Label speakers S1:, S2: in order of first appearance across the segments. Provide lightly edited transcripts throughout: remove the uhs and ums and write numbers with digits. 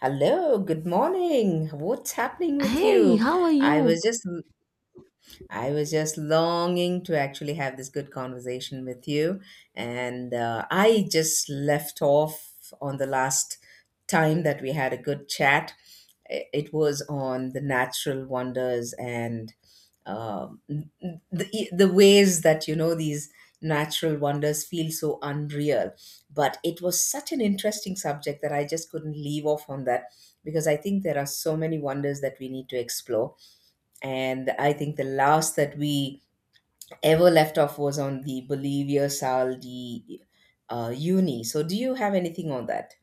S1: Hello, good morning. What's happening with
S2: Hey,
S1: you?
S2: how are
S1: I
S2: you?
S1: was just I was just longing to actually have this good conversation with you. And I just left off on the last time that we had a good chat. It was on the natural wonders and the ways that, you know, these natural wonders feel so unreal. But it was such an interesting subject that I just couldn't leave off on that because I think there are so many wonders that we need to explore, and I think the last that we ever left off was on the Bolivia Sal de Uni. So, do you have anything on that?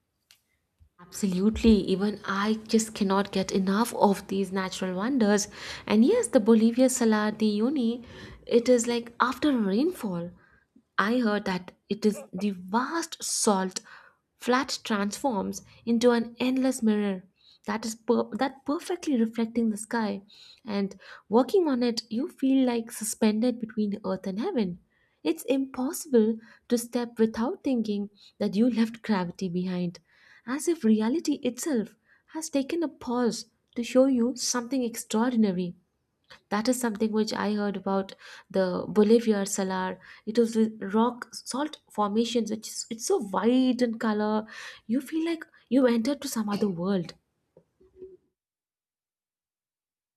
S2: Absolutely. Even I just cannot get enough of these natural wonders. And yes, the Bolivia Salar de Uyuni, it is like after a rainfall. I heard that it is the vast salt flat transforms into an endless mirror that is that perfectly reflecting the sky, and walking on it you feel like suspended between earth and heaven. It's impossible to step without thinking that you left gravity behind, as if reality itself has taken a pause to show you something extraordinary. That is something which I heard about the Bolivar Salar. It was the rock salt formations, which is it's so wide in color. You feel like you entered to some other world.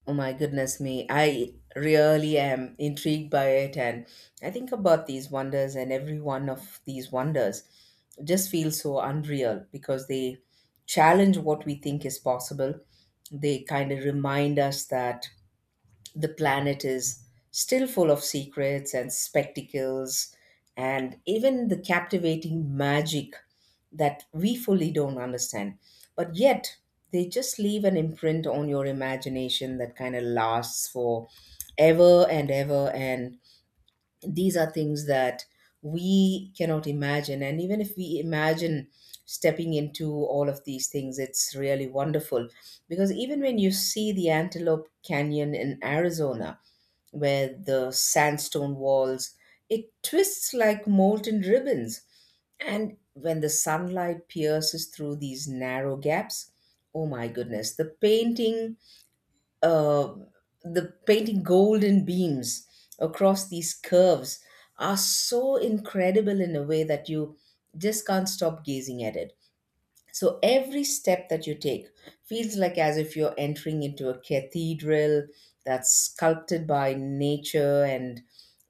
S1: Oh my goodness me. I really am intrigued by it. And I think about these wonders, and every one of these wonders just feels so unreal because they challenge what we think is possible. They kind of remind us that the planet is still full of secrets and spectacles and even the captivating magic that we fully don't understand. But yet, they just leave an imprint on your imagination that kind of lasts for ever and ever. And these are things that we cannot imagine. And even if we imagine stepping into all of these things, it's really wonderful. Because even when you see the Antelope Canyon in Arizona, with the sandstone walls. It twists like molten ribbons. And when the sunlight pierces through these narrow gaps, oh my goodness, uh, the painting golden beams across these curves are so incredible in a way that you just can't stop gazing at it. So every step that you take feels like as if you're entering into a cathedral that's sculpted by nature, and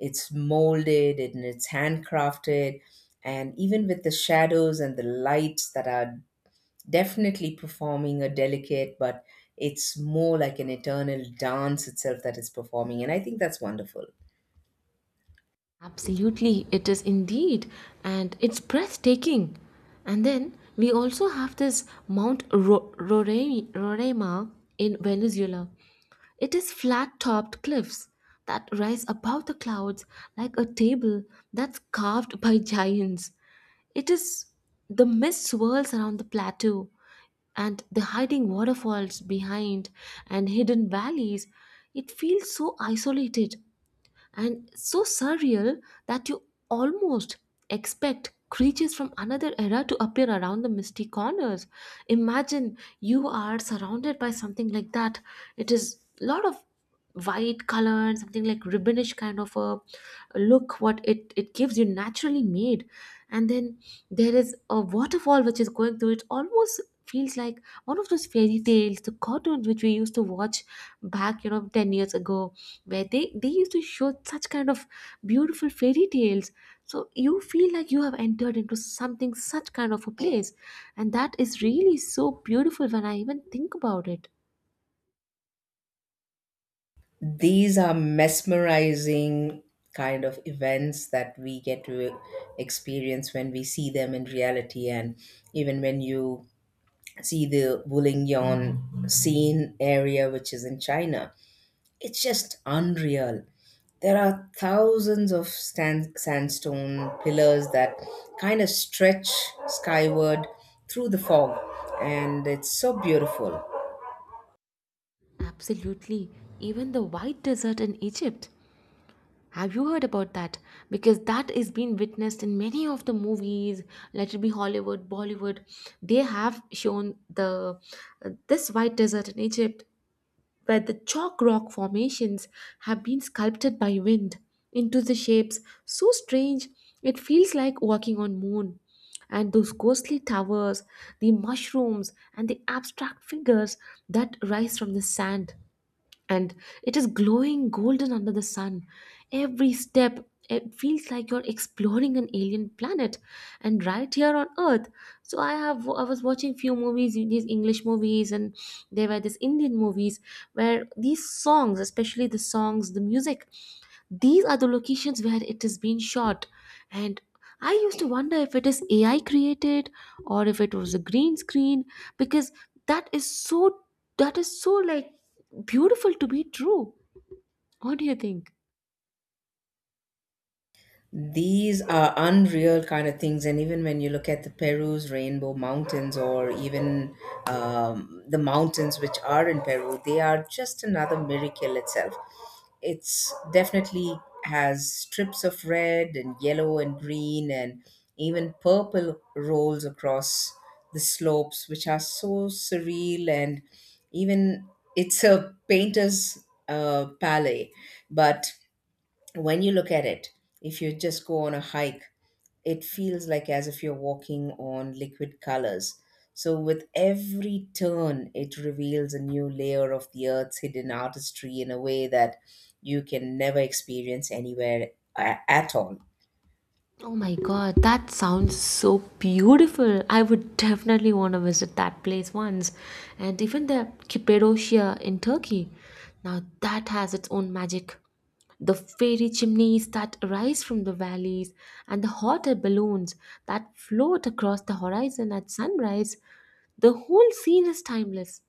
S1: it's molded and it's handcrafted. And even with the shadows and the lights that are definitely performing a delicate, but it's more like an eternal dance itself that is performing. And I think that's wonderful.
S2: Absolutely, it is indeed, and it's breathtaking. And then we also have this Mount Roraima in Venezuela. It is flat topped cliffs that rise above the clouds like a table that's carved by giants. It is the mist swirls around the plateau, and the hiding waterfalls behind and hidden valleys, it feels so isolated and so surreal that you almost expect creatures from another era to appear around the misty corners. Imagine you are surrounded by something like that. It is a lot of white color and something like ribbonish kind of a look what it gives you naturally made, and then there is a waterfall which is going through it almost feels like one of those fairy tales the cartoons which we used to watch back 10 years ago, where they used to show such kind of beautiful fairy tales, so you feel like you have entered into something such kind of a place, and that is really so beautiful when I even think about it.
S1: These are mesmerizing kind of events that we get to experience when we see them in reality, and even when you see the Boulingyong scene area, which is in China, it's just unreal. There are thousands of sandstone pillars that kind of stretch skyward through the fog, and it's so beautiful.
S2: Absolutely, even the white desert in Egypt. Have you heard about that? Because that is being witnessed in many of the movies. Let it be Hollywood, Bollywood, they have shown the this white desert in Egypt, where the chalk rock formations have been sculpted by wind into the shapes so strange. It feels like walking on moon, and those ghostly towers, the mushrooms and the abstract figures that rise from the sand, and it is glowing golden under the sun. Every step, it feels like you're exploring an alien planet and right here on earth. So I was watching few movies, these English movies, and there were these Indian movies where these songs, especially the songs, the music, these are the locations where it is being shot. And I used to wonder if it is AI created, or if it was a green screen, because that is so that is so like beautiful to be true. What do you think?
S1: These are unreal kind of things, and even when you look at the Peru's rainbow mountains, or even the mountains which are in Peru, they are just another miracle itself. It's definitely has strips of red and yellow and green and even purple rolls across the slopes, which are so surreal, and even it's a painter's palette, but when you look at it, if you just go on a hike, it feels like as if you're walking on liquid colors. So, with every turn, it reveals a new layer of the earth's hidden artistry in a way that you can never experience anywhere at all.
S2: Oh my god, that sounds so beautiful. I would definitely want to visit that place once. And even the Cappadocia in Turkey. Now that has its own magic. The fairy chimneys that arise from the valleys and the hot air balloons that float across the horizon at sunrise. The whole scene is timeless.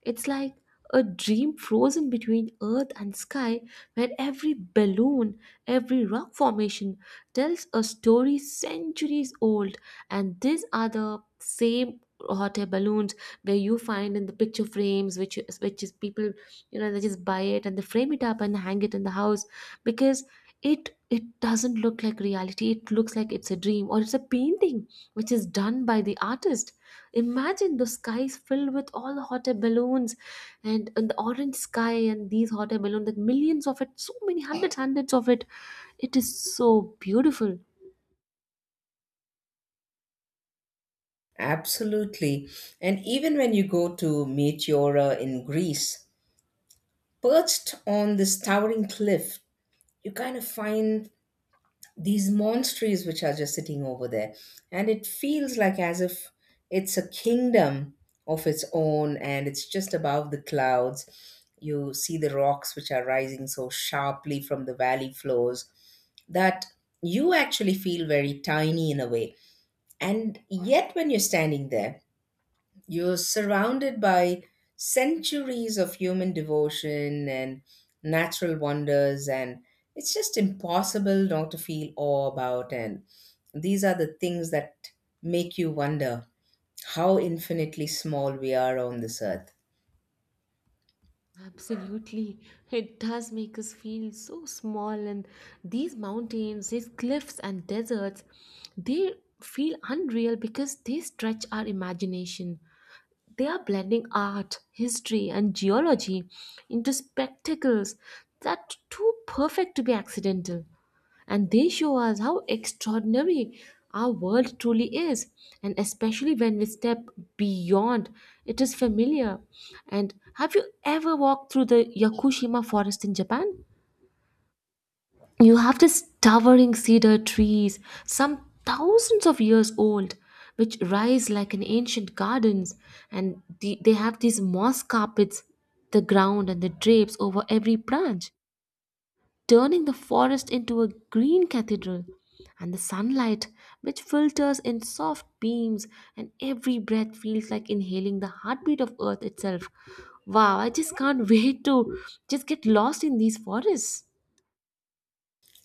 S2: It's like a dream frozen between earth and sky, where every balloon, every rock formation tells a story centuries old. And these are the same hot air balloons where you find in the picture frames, which is people, they just buy it and they frame it up and hang it in the house, because it doesn't look like reality. It looks like it's a dream or it's a painting which is done by the artist. Imagine the skies filled with all the hot air balloons, and the orange sky and these hot air balloons, like millions of it, so many hundreds, hundreds of it. It is so beautiful.
S1: Absolutely. And even when you go to Meteora in Greece, perched on this towering cliff, you kind of find these monasteries which are just sitting over there, and it feels like as if it's a kingdom of its own, and it's just above the clouds. You see the rocks which are rising so sharply from the valley floors that you actually feel very tiny in a way, and yet when you're standing there, you're surrounded by centuries of human devotion and natural wonders, and it's just impossible not to feel awe about. And these are the things that make you wonder how infinitely small we are on this earth.
S2: Absolutely. It does make us feel so small. And these mountains, these cliffs and deserts, they feel unreal because they stretch our imagination. They are blending art, history, and geology into spectacles that are too perfect to be accidental. And they show us how extraordinary our world truly is, and especially when we step beyond it is familiar. And have you ever walked through the Yakushima forest in Japan? You have these towering cedar trees, some thousands of years old, which rise like an ancient gardens, and they have these moss carpets the ground and the drapes over every branch, turning the forest into a green cathedral. And the sunlight, which filters in soft beams, and every breath feels like inhaling the heartbeat of Earth itself. Wow, I just can't wait to just get lost in these forests.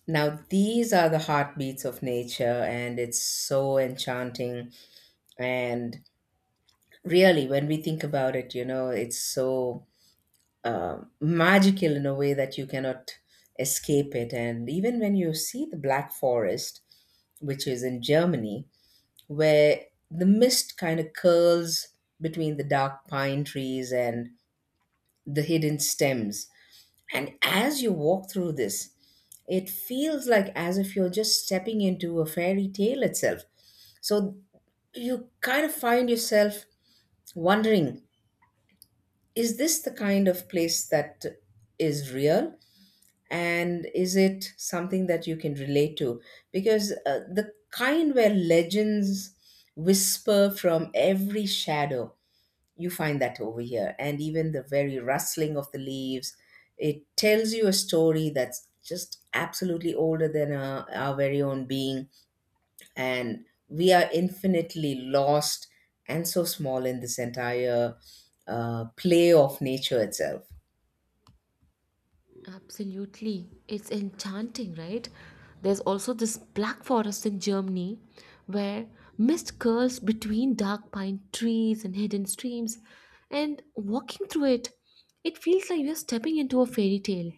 S1: Now, these are the heartbeats of nature, and it's so enchanting. And really, when we think about it, you know, it's so magical in a way that you cannot escape it. And even when you see the Black Forest, which is in Germany, where the mist kind of curls between the dark pine trees and the hidden stems. And as you walk through this, it feels like as if you're just stepping into a fairy tale itself. So you kind of find yourself wondering, is this the kind of place that is real, and is it something that you can relate to, because the kind where legends whisper from every shadow, you find that over here. And even the very rustling of the leaves, it tells you a story that's just absolutely older than our very own being, and we are infinitely lost and so small in this entire play of nature itself.
S2: Absolutely. It's enchanting, right? There's also this Black Forest in Germany where mist curls between dark pine trees and hidden streams, and walking through it, it feels like you're stepping into a fairy tale.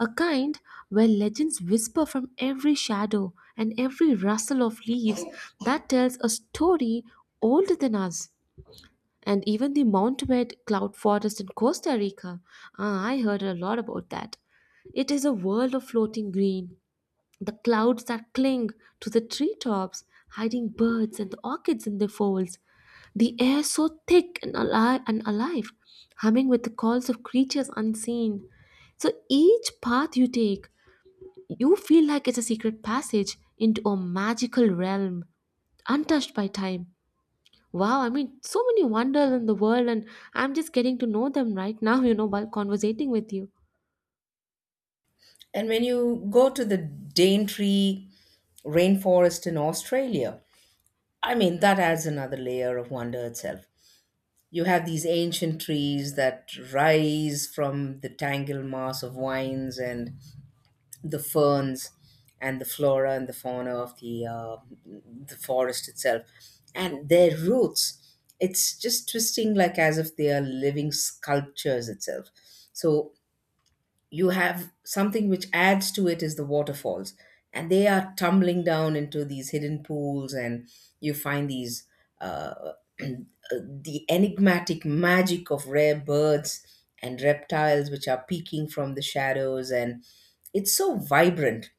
S2: A kind where legends whisper from every shadow and every rustle of leaves that tells a story older than us. And even the Montbed cloud forest in Costa Rica. Ah, I heard a lot about that. It is a world of floating green, the clouds that cling to the treetops, hiding birds and the orchids in their folds. The air so thick and alive, humming with the calls of creatures unseen. So each path you take, you feel like it's a secret passage into a magical realm, untouched by time. Wow, I mean, so many wonders in the world, and I'm just getting to know them right now, while conversating with you.
S1: And when you go to the Daintree rainforest in Australia, I mean, that adds another layer of wonder itself. You have these ancient trees that rise from the tangled mass of vines and the ferns and the flora and the fauna of the forest itself. And their roots, it's just twisting like as if they are living sculptures itself. So you have something which adds to it is the waterfalls, and they are tumbling down into these hidden pools, and you find these uh, the enigmatic magic of rare birds and reptiles which are peeking from the shadows, and it's so vibrant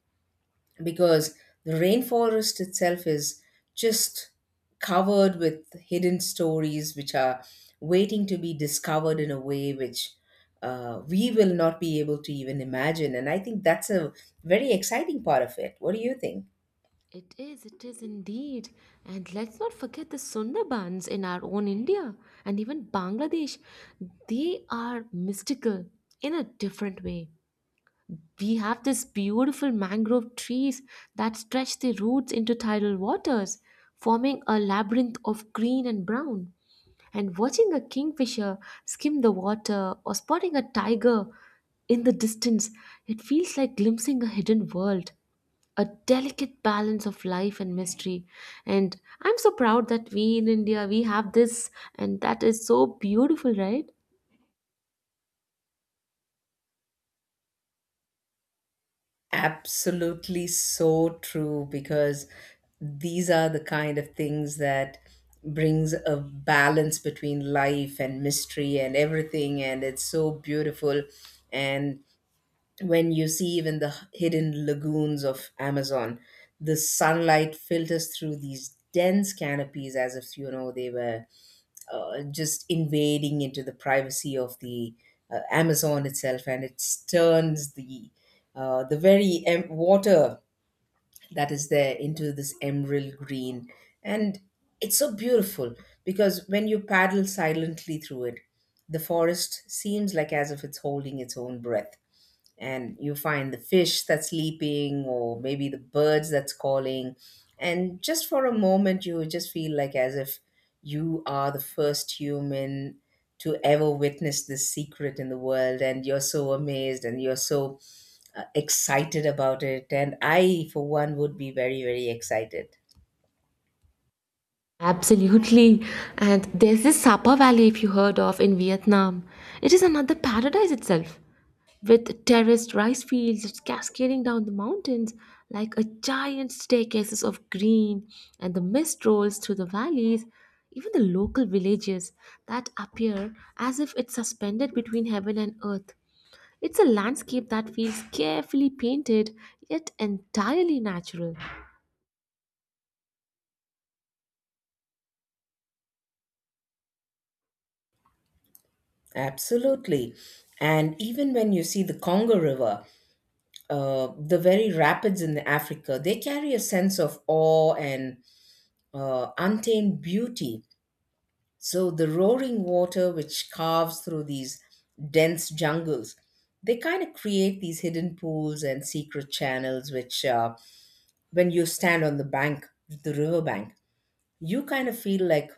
S1: because the rainforest itself is just covered with hidden stories which are waiting to be discovered in a way which we will not be able to even imagine. And I think that's a very exciting part of it. What do you think?
S2: It is indeed. And let's not forget the Sundarbans in our own India and even Bangladesh. They are mystical in a different way. We have these beautiful mangrove trees that stretch their roots into tidal waters, forming a labyrinth of green and brown. And watching a kingfisher skim the water or spotting a tiger in the distance, it feels like glimpsing a hidden world, a delicate balance of life and mystery. And I'm so proud that we in India we have this, and that is so beautiful, right?
S1: Absolutely so true, because these are the kind of things that brings a balance between life and mystery and everything, and it's so beautiful. And when you see even the hidden lagoons of Amazon, the sunlight filters through these dense canopies as if, you know, they were just invading into the privacy of the Amazon itself, and it turns the water that is there into this emerald green, and it's so beautiful because when you paddle silently through it, the forest seems like as if it's holding its own breath, and you find the fish that's leaping or maybe the birds that's calling, and just for a moment you just feel like as if you are the first human to ever witness this secret in the world, and you're so amazed and you're so excited about it. And I for one would be very very excited.
S2: Absolutely. And there's this Sapa Valley, if you heard of, in Vietnam. It is another paradise itself, with terraced rice fields that's cascading down the mountains like a giant staircases of green, and the mist rolls through the valleys. Even the local villages that appear as if it's suspended between heaven and earth. It's a landscape that feels carefully painted yet entirely natural.
S1: Absolutely. And even when you see the Congo River, the very rapids in Africa, they carry a sense of awe and untamed beauty. So the roaring water which carves through these dense jungles, they kind of create these hidden pools and secret channels, which when you stand on the bank, the river bank, you kind of feel like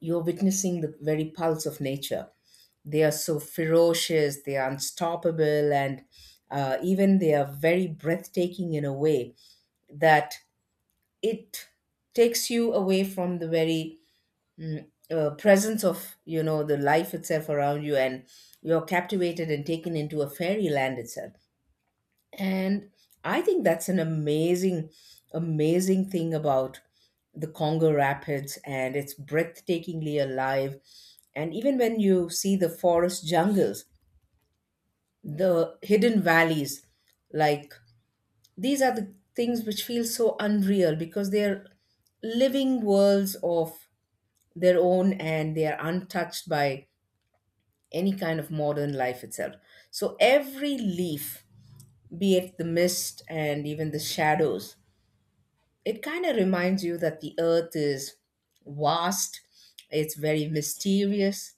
S1: you're witnessing the very pulse of nature. They are so ferocious, they are unstoppable, and even they are very breathtaking in a way that it takes you away from the very presence of, you know, the life itself around you, and you're captivated and taken into a fairyland itself. And I think that's an amazing thing about the Congo rapids, and it's breathtakingly alive. And even when you see the forest jungles, the hidden valleys, like, these are the things which feel so unreal because they're living worlds of their own, and they are untouched by any kind of modern life itself. So every leaf, be it the mist and even the shadows, it kind of reminds you that the earth is vast, it's very mysterious,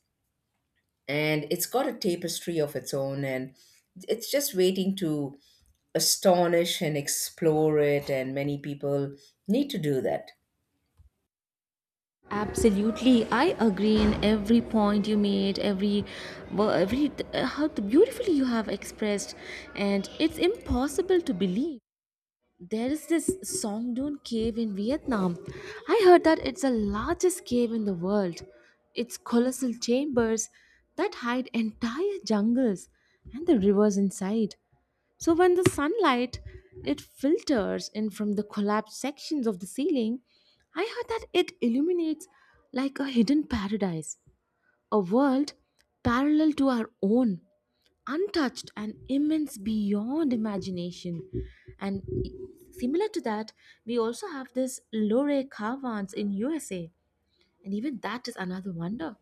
S1: and it's got a tapestry of its own, and it's just waiting to astonish and explore it. And many people need to do that.
S2: Absolutely, I agree in every point you made, every, how beautifully you have expressed, and it's impossible to believe. There is this Songdoon cave in Vietnam. I heard that it's the largest cave in the world. Its colossal chambers that hide entire jungles and the rivers inside. So when the sunlight it filters in from the collapsed sections of the ceiling, I heard that it illuminates like a hidden paradise, a world parallel to our own, untouched and immense beyond imagination. And similar to that, we also have this Lore Caverns in USA, and even that is another wonder.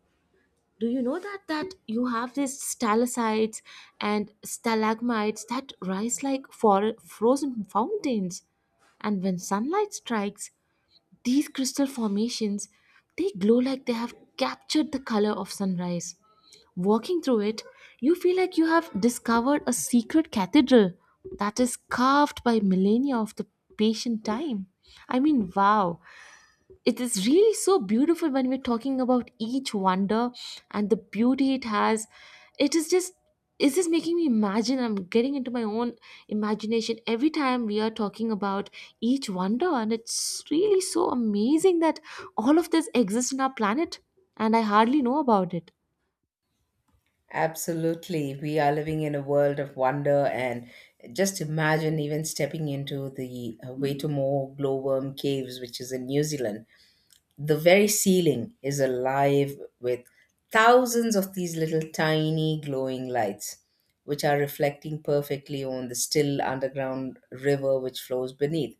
S2: Do you know that you have these stalactites and stalagmites that rise like frozen fountains, and when sunlight strikes, these crystal formations, they glow like they have captured the color of sunrise. Walking through it, you feel like you have discovered a secret cathedral that is carved by millennia of the patient time. I mean, wow, it is really so beautiful when we're talking about each wonder and the beauty it has. It is just it is just making me imagine. I'm getting into my own imagination every time we are talking about each wonder, and it's really so amazing that all of this exists in our planet, and I hardly know about it.
S1: Absolutely. We are living in a world of wonder, and just imagine even stepping into the Waitomo glowworm caves, which is in New Zealand. The very ceiling is alive with thousands of these little tiny glowing lights, which are reflecting perfectly on the still underground river which flows beneath.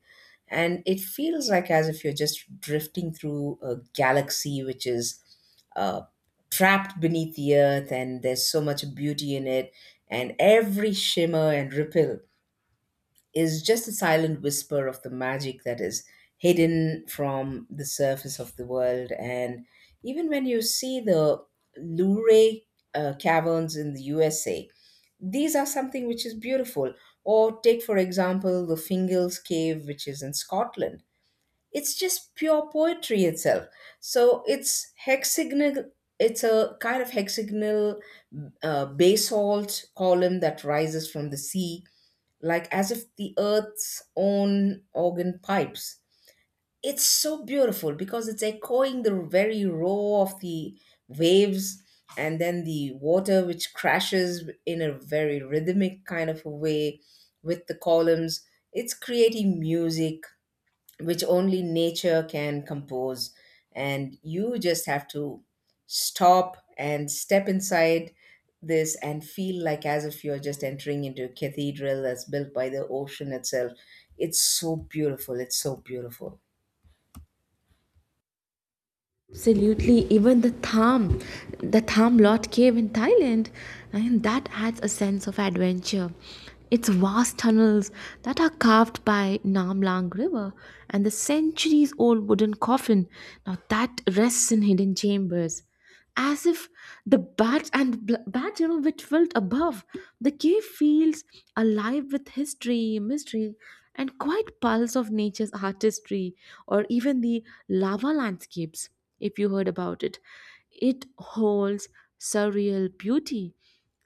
S1: And it feels like as if you're just drifting through a galaxy which is uh, trapped beneath the earth, and there's so much beauty in it, and every shimmer and ripple is just a silent whisper of the magic that is hidden from the surface of the world. And even when you see the Luray caverns in the USA, these are something which is beautiful. Or take, for example, the Fingals Cave, which is in Scotland. It's just pure poetry itself. So it's hexagonal. It's a kind of hexagonal basalt column that rises from the sea like as if the earth's own organ pipes. It's so beautiful because it's echoing the very roar of the waves, and then the water which crashes in a very rhythmic kind of a way with the columns. It's creating music which only nature can compose. And you just have to stop and step inside this and feel like as if you're just entering into a cathedral that's built by the ocean itself. It's so beautiful. It's so beautiful.
S2: Absolutely, even the tham lot cave in Thailand, and that adds a sense of adventure. Its vast tunnels that are carved by Nam Lang River, and the centuries old wooden coffin. Now that rests in hidden chambers as if the bat and bat, you know, which felt above the cave, feels alive with history, mystery, and quiet pulse of nature's artistry. Or even the lava landscapes, if you heard about it, it holds surreal beauty.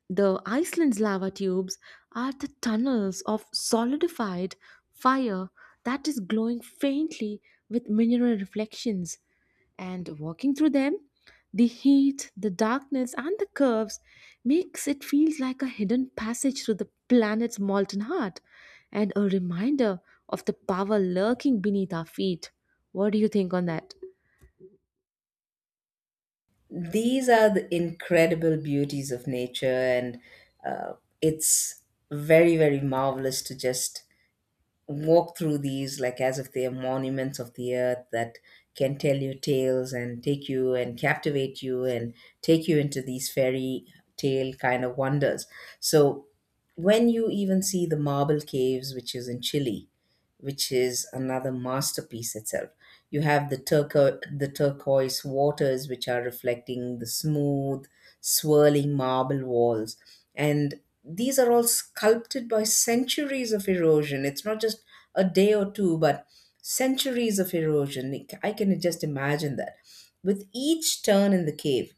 S2: The Iceland's lava tubes are the tunnels of solidified fire that is glowing faintly with mineral reflections. And walking through them, the heat, the darkness, and the curves makes it feel like a hidden passage through the planet's molten heart and a reminder of the power lurking beneath our feet. What do you think on that?
S1: These are the incredible beauties of nature, and uh, it's very, very marvelous to just walk through these like as if they are monuments of the earth that can tell you tales and take you and captivate you and take you into these fairy tale kind of wonders. So when you even see the marble caves, which is in Chile, which is another masterpiece itself. You have the turquoise waters which are reflecting the smooth, swirling marble walls. And these are all sculpted by centuries of erosion. It's not just a day or two, but centuries of erosion. I can just imagine that. With each turn in the cave,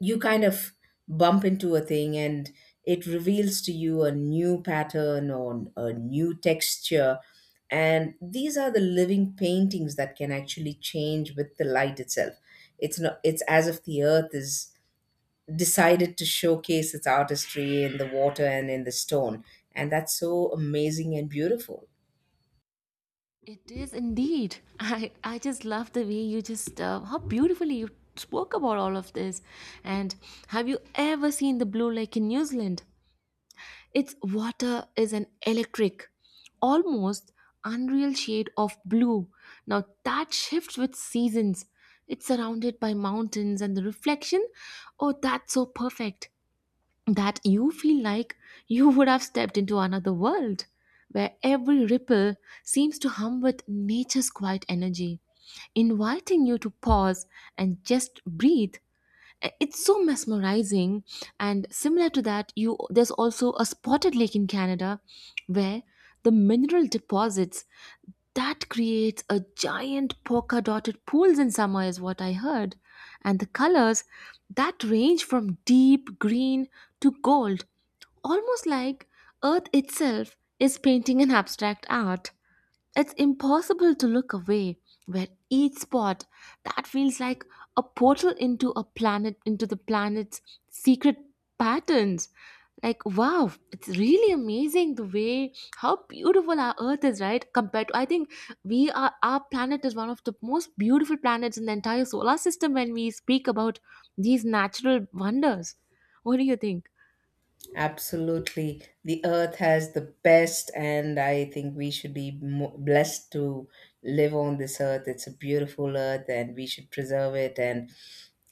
S1: you kind of bump into a thing and it reveals to you a new pattern or a new texture. And these are the living paintings that can actually change with the light itself. It's as if the earth is decided to showcase its artistry in the water and in the stone, and that's so amazing and beautiful.
S2: It is indeed. I just love the way you how beautifully you spoke about all of this. And have you ever seen the blue lake in New Zealand? Its water is an electric, almost unreal shade of blue. Now that shifts with seasons. It's surrounded by mountains and the reflection. Oh, that's so perfect that you feel like you would have stepped into another world where every ripple seems to hum with nature's quiet energy, inviting you to pause and just breathe. It's so mesmerizing. And similar to that, you there's also a spotted lake in Canada, where the mineral deposits that creates a giant polka dotted pools in summer is what I heard. And the colors that range from deep green to gold, almost like earth itself is painting an abstract art. It's impossible to look away, where each spot that feels like a portal into a planet, into the planet's secret patterns. Like, wow, it's really amazing the way how beautiful our Earth is, right? Compared to, I think we are, our planet is one of the most beautiful planets in the entire solar system when we speak about these natural wonders. What do you think?
S1: Absolutely. The earth has the best, and I think we should be blessed to live on this earth. It's a beautiful earth, and we should preserve it. And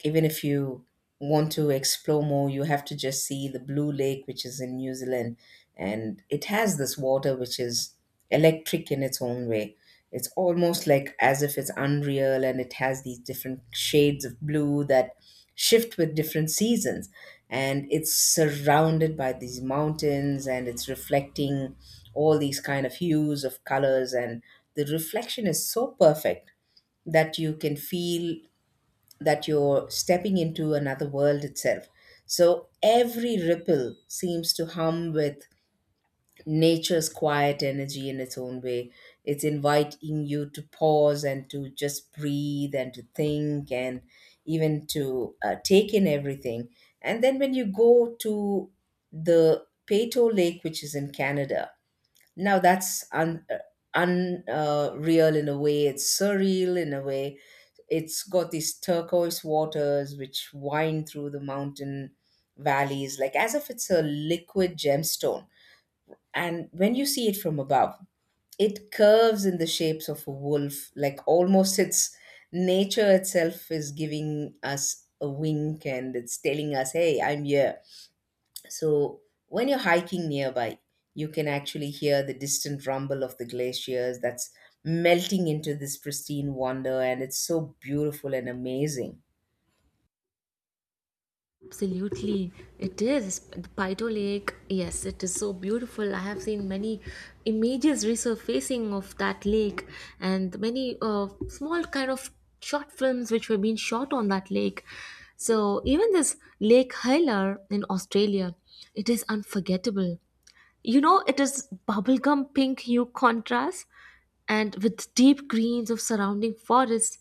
S1: even if you want to explore more, you have to just see the Blue Lake, which is in New Zealand. And it has this water, which is electric in its own way. It's almost like as if it's unreal, and it has these different shades of blue that shift with different seasons. And it's surrounded by these mountains and it's reflecting all these kind of hues of colors. And the reflection is so perfect that you can feel that you're stepping into another world itself. So every ripple seems to hum with nature's quiet energy in its own way. It's inviting you to pause and to just breathe and to think and even to take in everything. And then when you go to the Peyto Lake, which is in Canada, now that's un. Un real in a way, it's surreal in a way. It's got these turquoise waters which wind through the mountain valleys, like as if it's a liquid gemstone. And when you see it from above, it curves in the shapes of a wolf, like almost its nature itself is giving us a wink and it's telling us, hey, I'm here. So when you're hiking nearby, you can actually hear the distant rumble of the glaciers that's melting into this pristine wonder, and it's so beautiful and amazing.
S2: Absolutely, it is. The Paito Lake, yes, it is so beautiful. I have seen many images resurfacing of that lake, and many small kind of short films which were being shot on that lake. So, even this Lake Hylar in Australia, it is unforgettable. You know, it is bubblegum pink hue contrast and with deep greens of surrounding forests.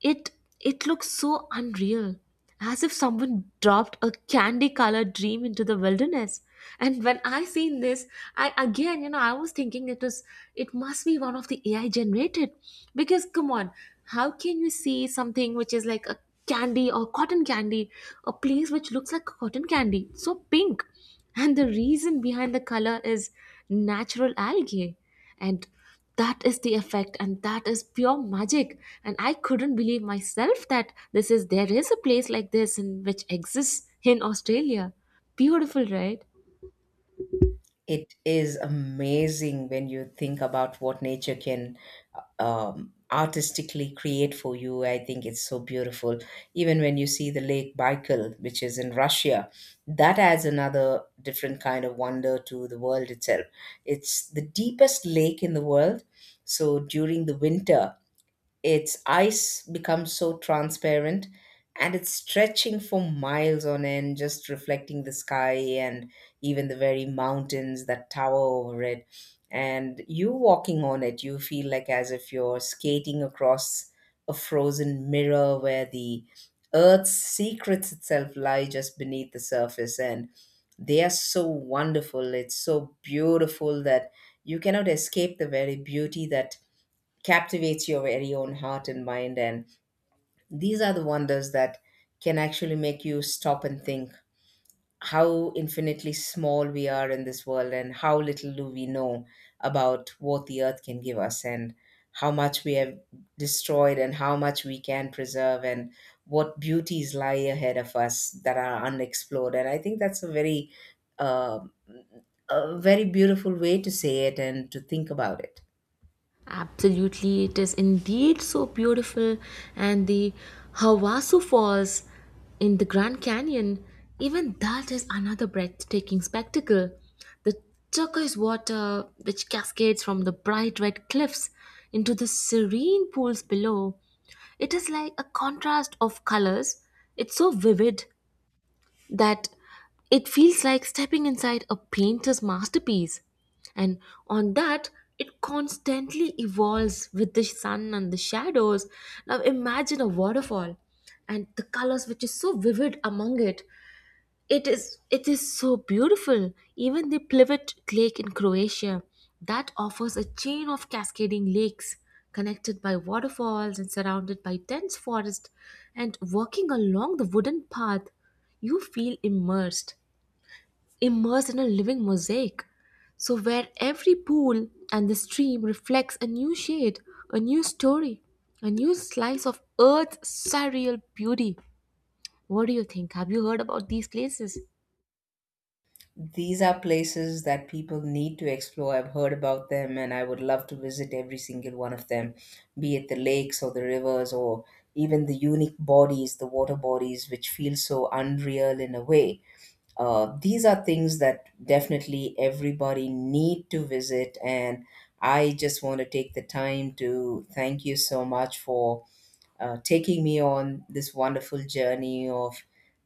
S2: It it looks so unreal, as if someone dropped a candy-colored dream into the wilderness. And when I seen this, I again, I was thinking it must be one of the AI generated. Because come on, how can you see something which is like a candy or cotton candy, a place which looks like cotton candy, so pink? And the reason behind the color is natural algae. And that is the effect, and that is pure magic. And I couldn't believe myself that this is there is a place like this in which exists in Australia. Beautiful, right?
S1: It is amazing when you think about what nature can artistically create for you. I think it's so beautiful. Even when you see the Lake Baikal, which is in Russia, that adds another different kind of wonder to the world itself. It's the deepest lake in the world. So during the winter, its ice becomes so transparent and it's stretching for miles on end, just reflecting the sky and even the very mountains that tower over it. And you walking on it, you feel like as if you're skating across a frozen mirror where the earth's secrets itself lie just beneath the surface. And they are so wonderful, it's so beautiful that you cannot escape the very beauty that captivates your very own heart and mind. And these are the wonders that can actually make you stop and think how infinitely small we are in this world and how little do we know about what the earth can give us, and how much we have destroyed, and how much we can preserve, and what beauties lie ahead of us that are unexplored. And I think that's uh, a very beautiful way to say it and to think about it.
S2: Absolutely, it is indeed so beautiful. And the Havasu Falls in the Grand Canyon, even that is another breathtaking spectacle. The turquoise water, which cascades from the bright red cliffs into the serene pools below, it is like a contrast of colors. It's so vivid that it feels like stepping inside a painter's masterpiece. And on that, it constantly evolves with the sun and the shadows. Now imagine a waterfall and the colors which is so vivid among it. It is so beautiful. Even the Plivet Lake in Croatia that offers a chain of cascading lakes connected by waterfalls and surrounded by dense forest, and walking along the wooden path you feel immersed in a living mosaic, so where every pool and the stream reflects a new shade, a new story, a new slice of earth's surreal beauty. What do you think? Have you heard about these places?
S1: These are places that people need to explore. I've heard about them and I would love to visit every single one of them, be it the lakes or the rivers or even the unique bodies, the water bodies, which feel so unreal in a way. These are things that definitely everybody need to visit. And I just want to take the time to thank you so much for taking me on this wonderful journey of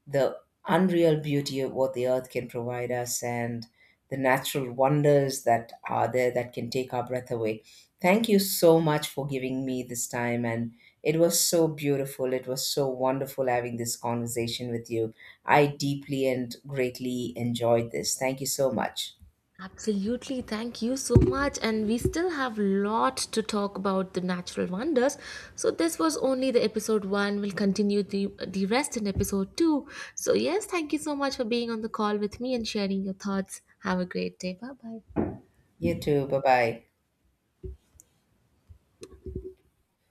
S1: the unreal beauty of what the earth can provide us and the natural wonders that are there that can take our breath away. Thank you so much for giving me this time. And it was so beautiful. It was so wonderful having this conversation with you. I deeply and greatly enjoyed this. Thank you so much.
S2: Absolutely, thank you so much. And we still have lot to talk about the natural wonders. So this was only the episode one. We'll continue the rest in episode two. So yes, thank you so much for being on the call with me and sharing your thoughts. Have a great day. Bye bye.
S1: You too. Bye bye.